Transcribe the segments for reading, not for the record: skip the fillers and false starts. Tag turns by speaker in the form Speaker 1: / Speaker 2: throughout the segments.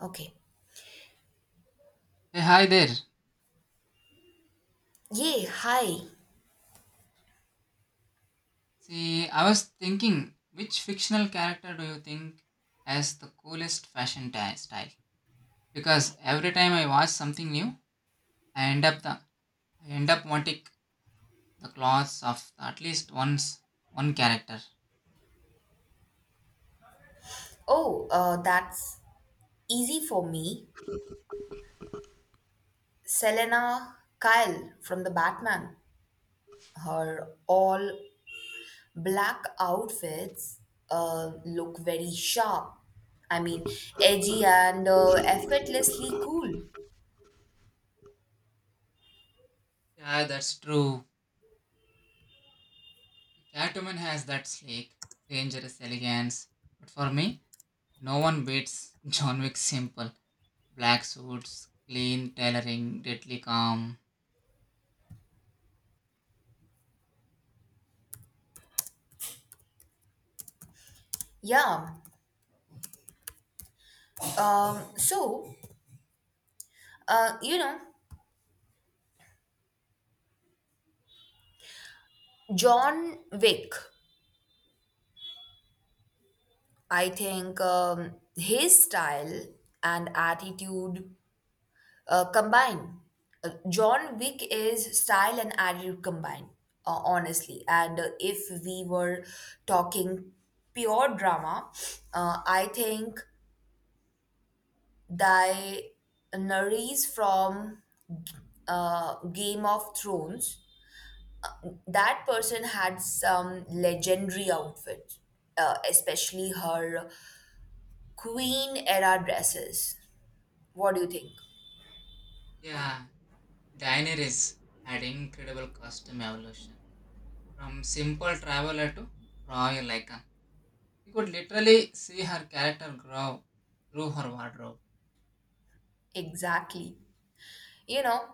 Speaker 1: Okay.
Speaker 2: Hey, hi there.
Speaker 1: Yay, hi.
Speaker 2: See, I was thinking, which fictional character do you think has the coolest fashion style? Because every time I watch something new, I end up the I end up wanting the clothes of at least once one character.
Speaker 1: Oh, that's easy for me. Selena Kyle from the Batman. Her all black outfits look very sharp. I mean, edgy and effortlessly cool.
Speaker 2: Yeah, that's true. Catwoman has that sleek, dangerous elegance, but for me, no one beats John Wick's simple black suits, clean tailoring, deadly calm.
Speaker 1: Yeah. Um, so, uh, you know, John Wick, I think his style and attitude combine. John Wick is style and attitude combined, honestly. And if we were talking pure drama, I think thy Nerys from Game of Thrones, that person had some legendary outfits, especially her queen era dresses. What do you think?
Speaker 2: Yeah, Daineries had incredible custom evolution from simple traveler to royal icon. You could literally see her character grow through her wardrobe.
Speaker 1: Exactly. You know,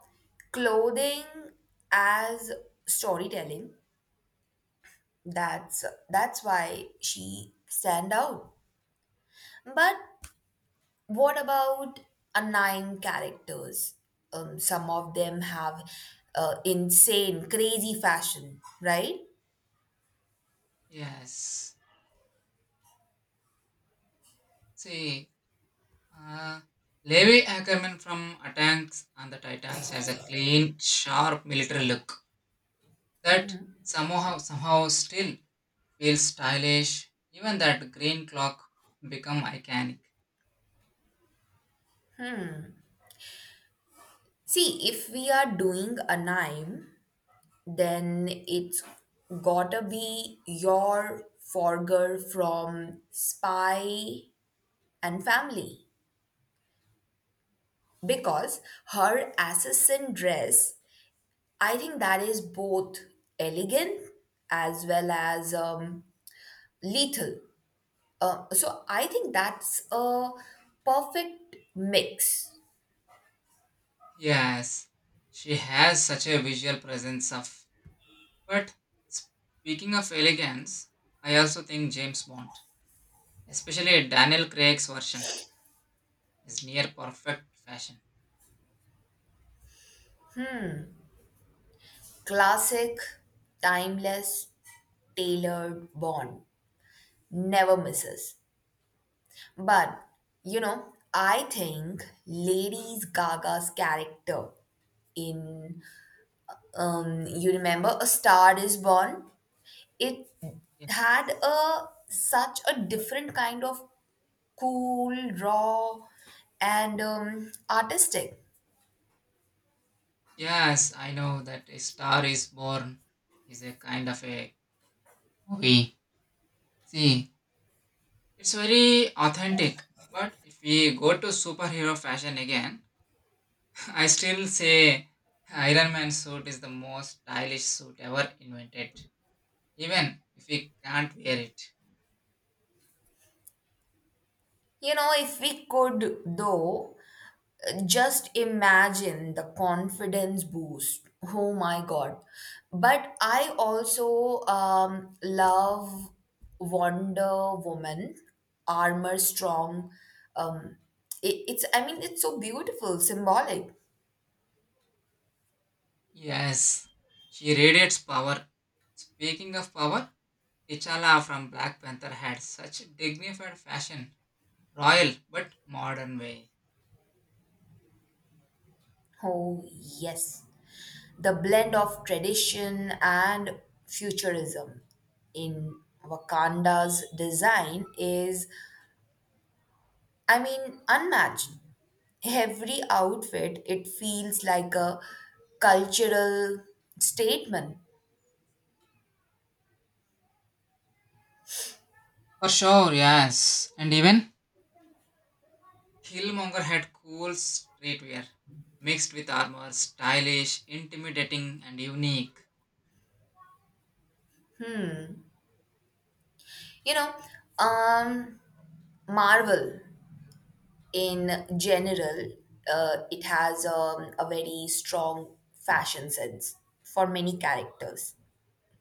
Speaker 1: clothing as storytelling, that's that's why she stand out. But what about a nine characters? Some of them have insane crazy fashion, right?
Speaker 2: Yes. See, uh, Levi Ackerman from Attacks on the Titans has a clean, sharp military look that somehow still feels stylish. Even that green clock become iconic.
Speaker 1: See, if we are doing a nine, then it's gotta be your forger from spy and family, because her assassin dress, I think that is both elegant as well as lethal. So I think that's a perfect mix.
Speaker 2: Yes, she has such a visual presence of. But speaking of elegance, I also think James Bond, especially Daniel Craig's version, is near perfect fashion.
Speaker 1: Classic, timeless, tailored bond never misses. But you know, I think Lady gaga's character in, you remember, a star is born, it had
Speaker 2: Yes.
Speaker 1: a such a different kind of cool, raw, and artistic.
Speaker 2: Yes, I know that A Star is Born is a kind of a movie. See, it's very authentic. But if we go to superhero fashion again, I still say Iron Man suit is the most stylish suit ever invented, even if we can't wear it.
Speaker 1: You know, if we could though, just imagine the confidence boost. Oh my god. But I also love wonder woman, armor strong, um, it, it's I mean it's so beautiful symbolic.
Speaker 2: Yes, she radiates power. Speaking of power, T'Challa from Black Panther had such a dignified fashion, royal but modern way.
Speaker 1: Oh yes, the blend of tradition and futurism in Wakanda's design is, I mean, unmatched. Every outfit, it feels like a cultural statement.
Speaker 2: For sure, yes. And even Killmonger had cool streetwear, mixed with armor, stylish, intimidating, and unique.
Speaker 1: You know, um, Marvel in general, it has a very strong fashion sense for many characters,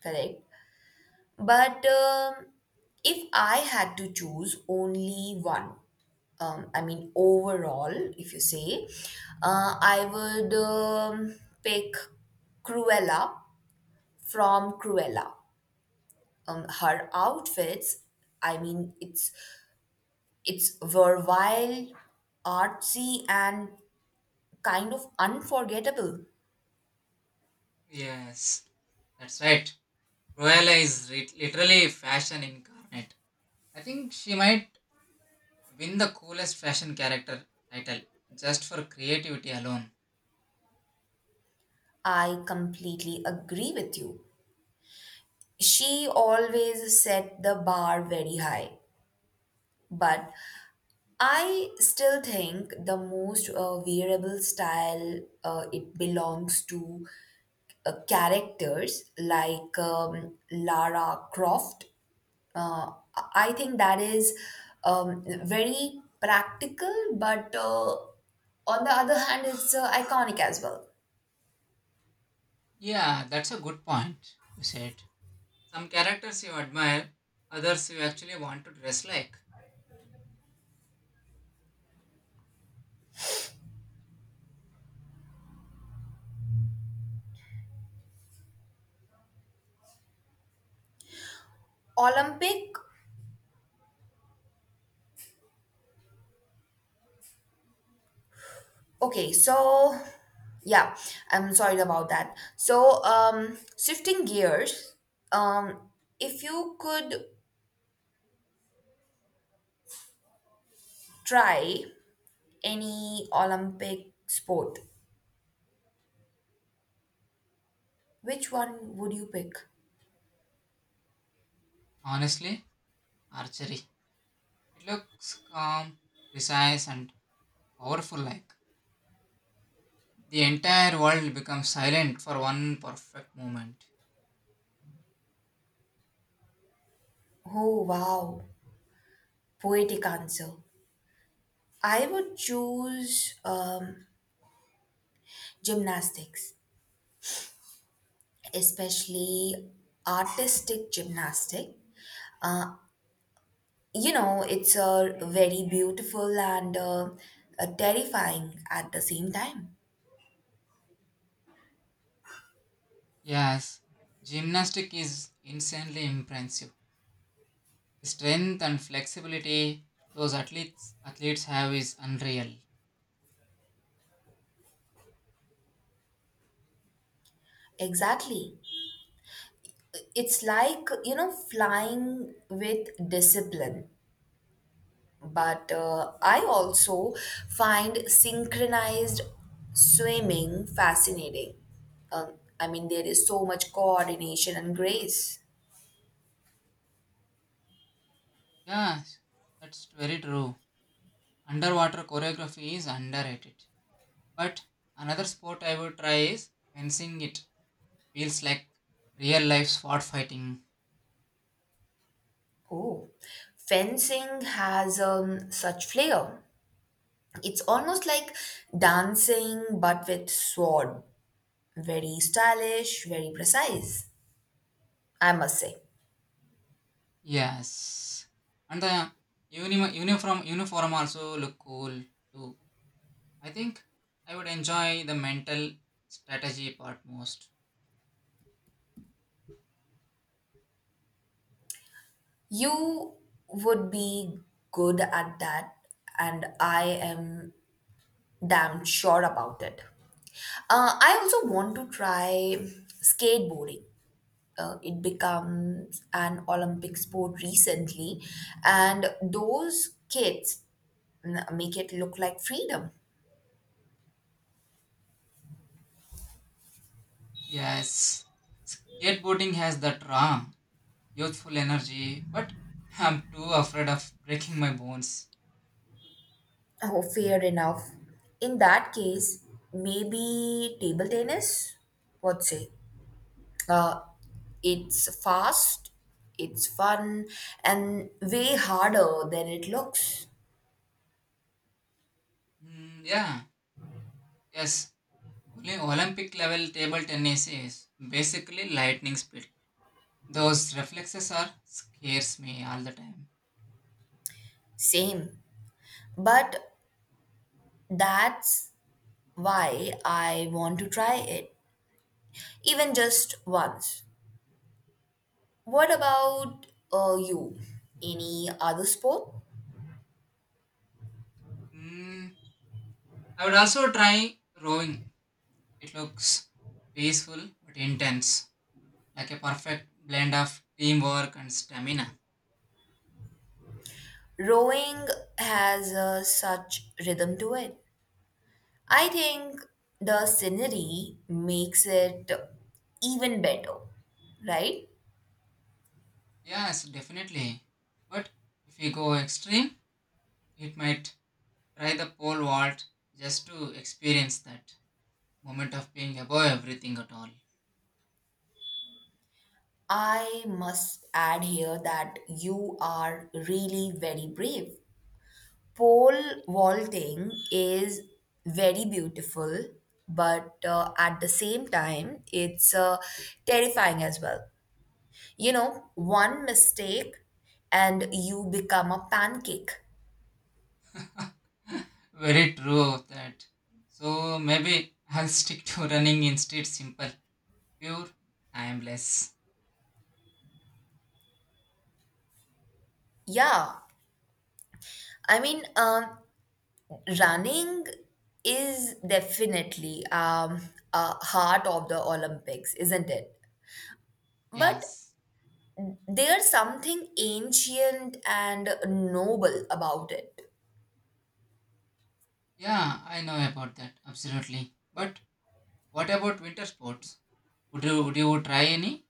Speaker 1: correct? But if I had to choose only one, I mean, overall, if you say, I would pick Cruella from Cruella. Her outfits, I mean, it's versatile, artsy, and kind of unforgettable.
Speaker 2: Yes, that's right. Cruella is literally fashion incarnate. I think she might win the coolest fashion character title just for creativity alone.
Speaker 1: I completely agree with you. She always set the bar very high, but I still think the most wearable style it belongs to characters like Lara Croft. I think that is very practical, but on the other hand, it's iconic as well.
Speaker 2: Yeah, that's a good point you said. Some characters you admire, others you actually want to dress like.
Speaker 1: Olympic. Okay, so yeah, I'm sorry about that. Shifting gears, um, if you could try. Any Olympic sport, which one would you pick?
Speaker 2: Honestly, archery. It looks calm, precise, and powerful like. The entire world becomes silent for one perfect moment.
Speaker 1: Oh, wow. Poetic answer. I would choose gymnastics, especially artistic gymnastic. Uh, you know, it's a very beautiful and terrifying at the same time.
Speaker 2: Yes, gymnastic is insanely impressive. The strength and flexibility those athletes have is unreal.
Speaker 1: Exactly. It's like, you know, flying with discipline. But I also find synchronized swimming fascinating. Um, I mean, there is so much coordination and grace.
Speaker 2: Yes, that's very true. Underwater choreography is underrated. But another sport I would try is fencing. It feels like real life spot fighting.
Speaker 1: Oh, fencing has such flair. It's almost like dancing, but with sword. Very stylish, very precise, I must say.
Speaker 2: Yes, and the uniform also look cool too. I think I would enjoy the mental strategy part most.
Speaker 1: You would be good at that, and I am damn sure about it. I also want to try skateboarding. It becomes an Olympic sport recently, and those kids make it look like freedom.
Speaker 2: Yes, skateboarding has that raw, youthful energy, but I'm too afraid of breaking my bones.
Speaker 1: Oh, fair enough. In that case, maybe table tennis? What say? Uh, it's fast, it's fun, and way harder than it looks.
Speaker 2: Mm, yeah, yes. Only Olympic level table tennis is basically lightning speed. Those reflexes are scares me all the time.
Speaker 1: Same. But that's why I want to try it, even just once. What about you? Any other sport?
Speaker 2: Mm, I would also try rowing. It looks peaceful but intense, like a perfect blend of teamwork and stamina.
Speaker 1: Rowing has such rhythm to it. I think the scenery makes it even better, right?
Speaker 2: Yes, definitely. But if we go extreme, it might try the pole vault just to experience that moment of being above everything at all.
Speaker 1: I must add here that you are really very brave. Pole vaulting is very beautiful, but at the same time, it's terrifying as well. You know, one mistake and you become a pancake.
Speaker 2: Very true of that. So maybe I'll stick to running instead simple, pure, timeless.
Speaker 1: Yeah. I mean, running is definitely a heart of the Olympics, isn't it? But
Speaker 2: Yes.
Speaker 1: there's something ancient and noble about it.
Speaker 2: Yeah, I know about that, absolutely. But what about winter sports? Would you try any?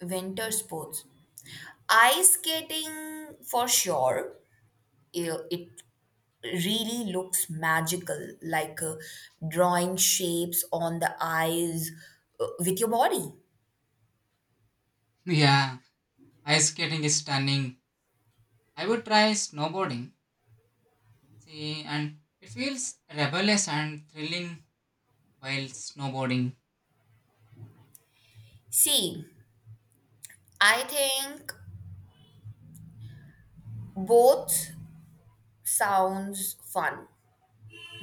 Speaker 1: Winter sports. Ice skating for sure. It really looks magical, like drawing shapes on the ice with your body.
Speaker 2: Yeah, ice skating is stunning. I would try snowboarding. See, and it feels rebellious and thrilling while snowboarding.
Speaker 1: See, I think both sounds fun,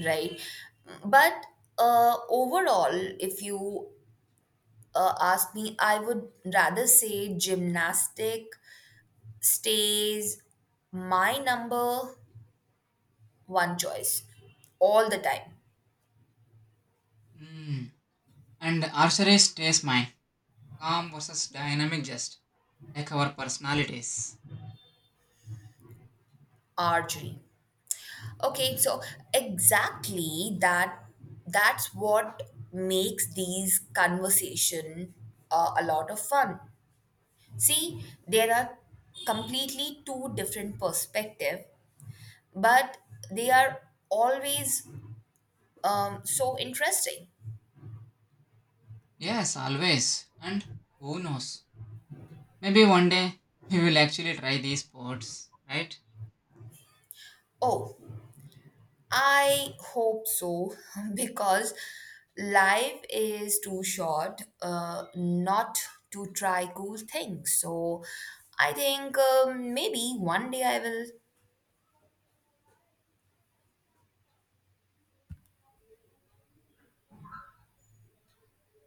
Speaker 1: right? But overall, if you ask me, I would rather say gymnastic stays my number one choice all the time.
Speaker 2: Mm. And archery stays mine. Calm versus dynamic, just like our personalities.
Speaker 1: Archery, okay, so exactly that, that's what makes these conversation a lot of fun. See, there are completely two different perspective, but they are always so interesting.
Speaker 2: Yes, always. And who knows? Maybe one day we will actually try these sports, right?
Speaker 1: Oh, I hope so because life is too short not to try cool things. So I think maybe one day I will.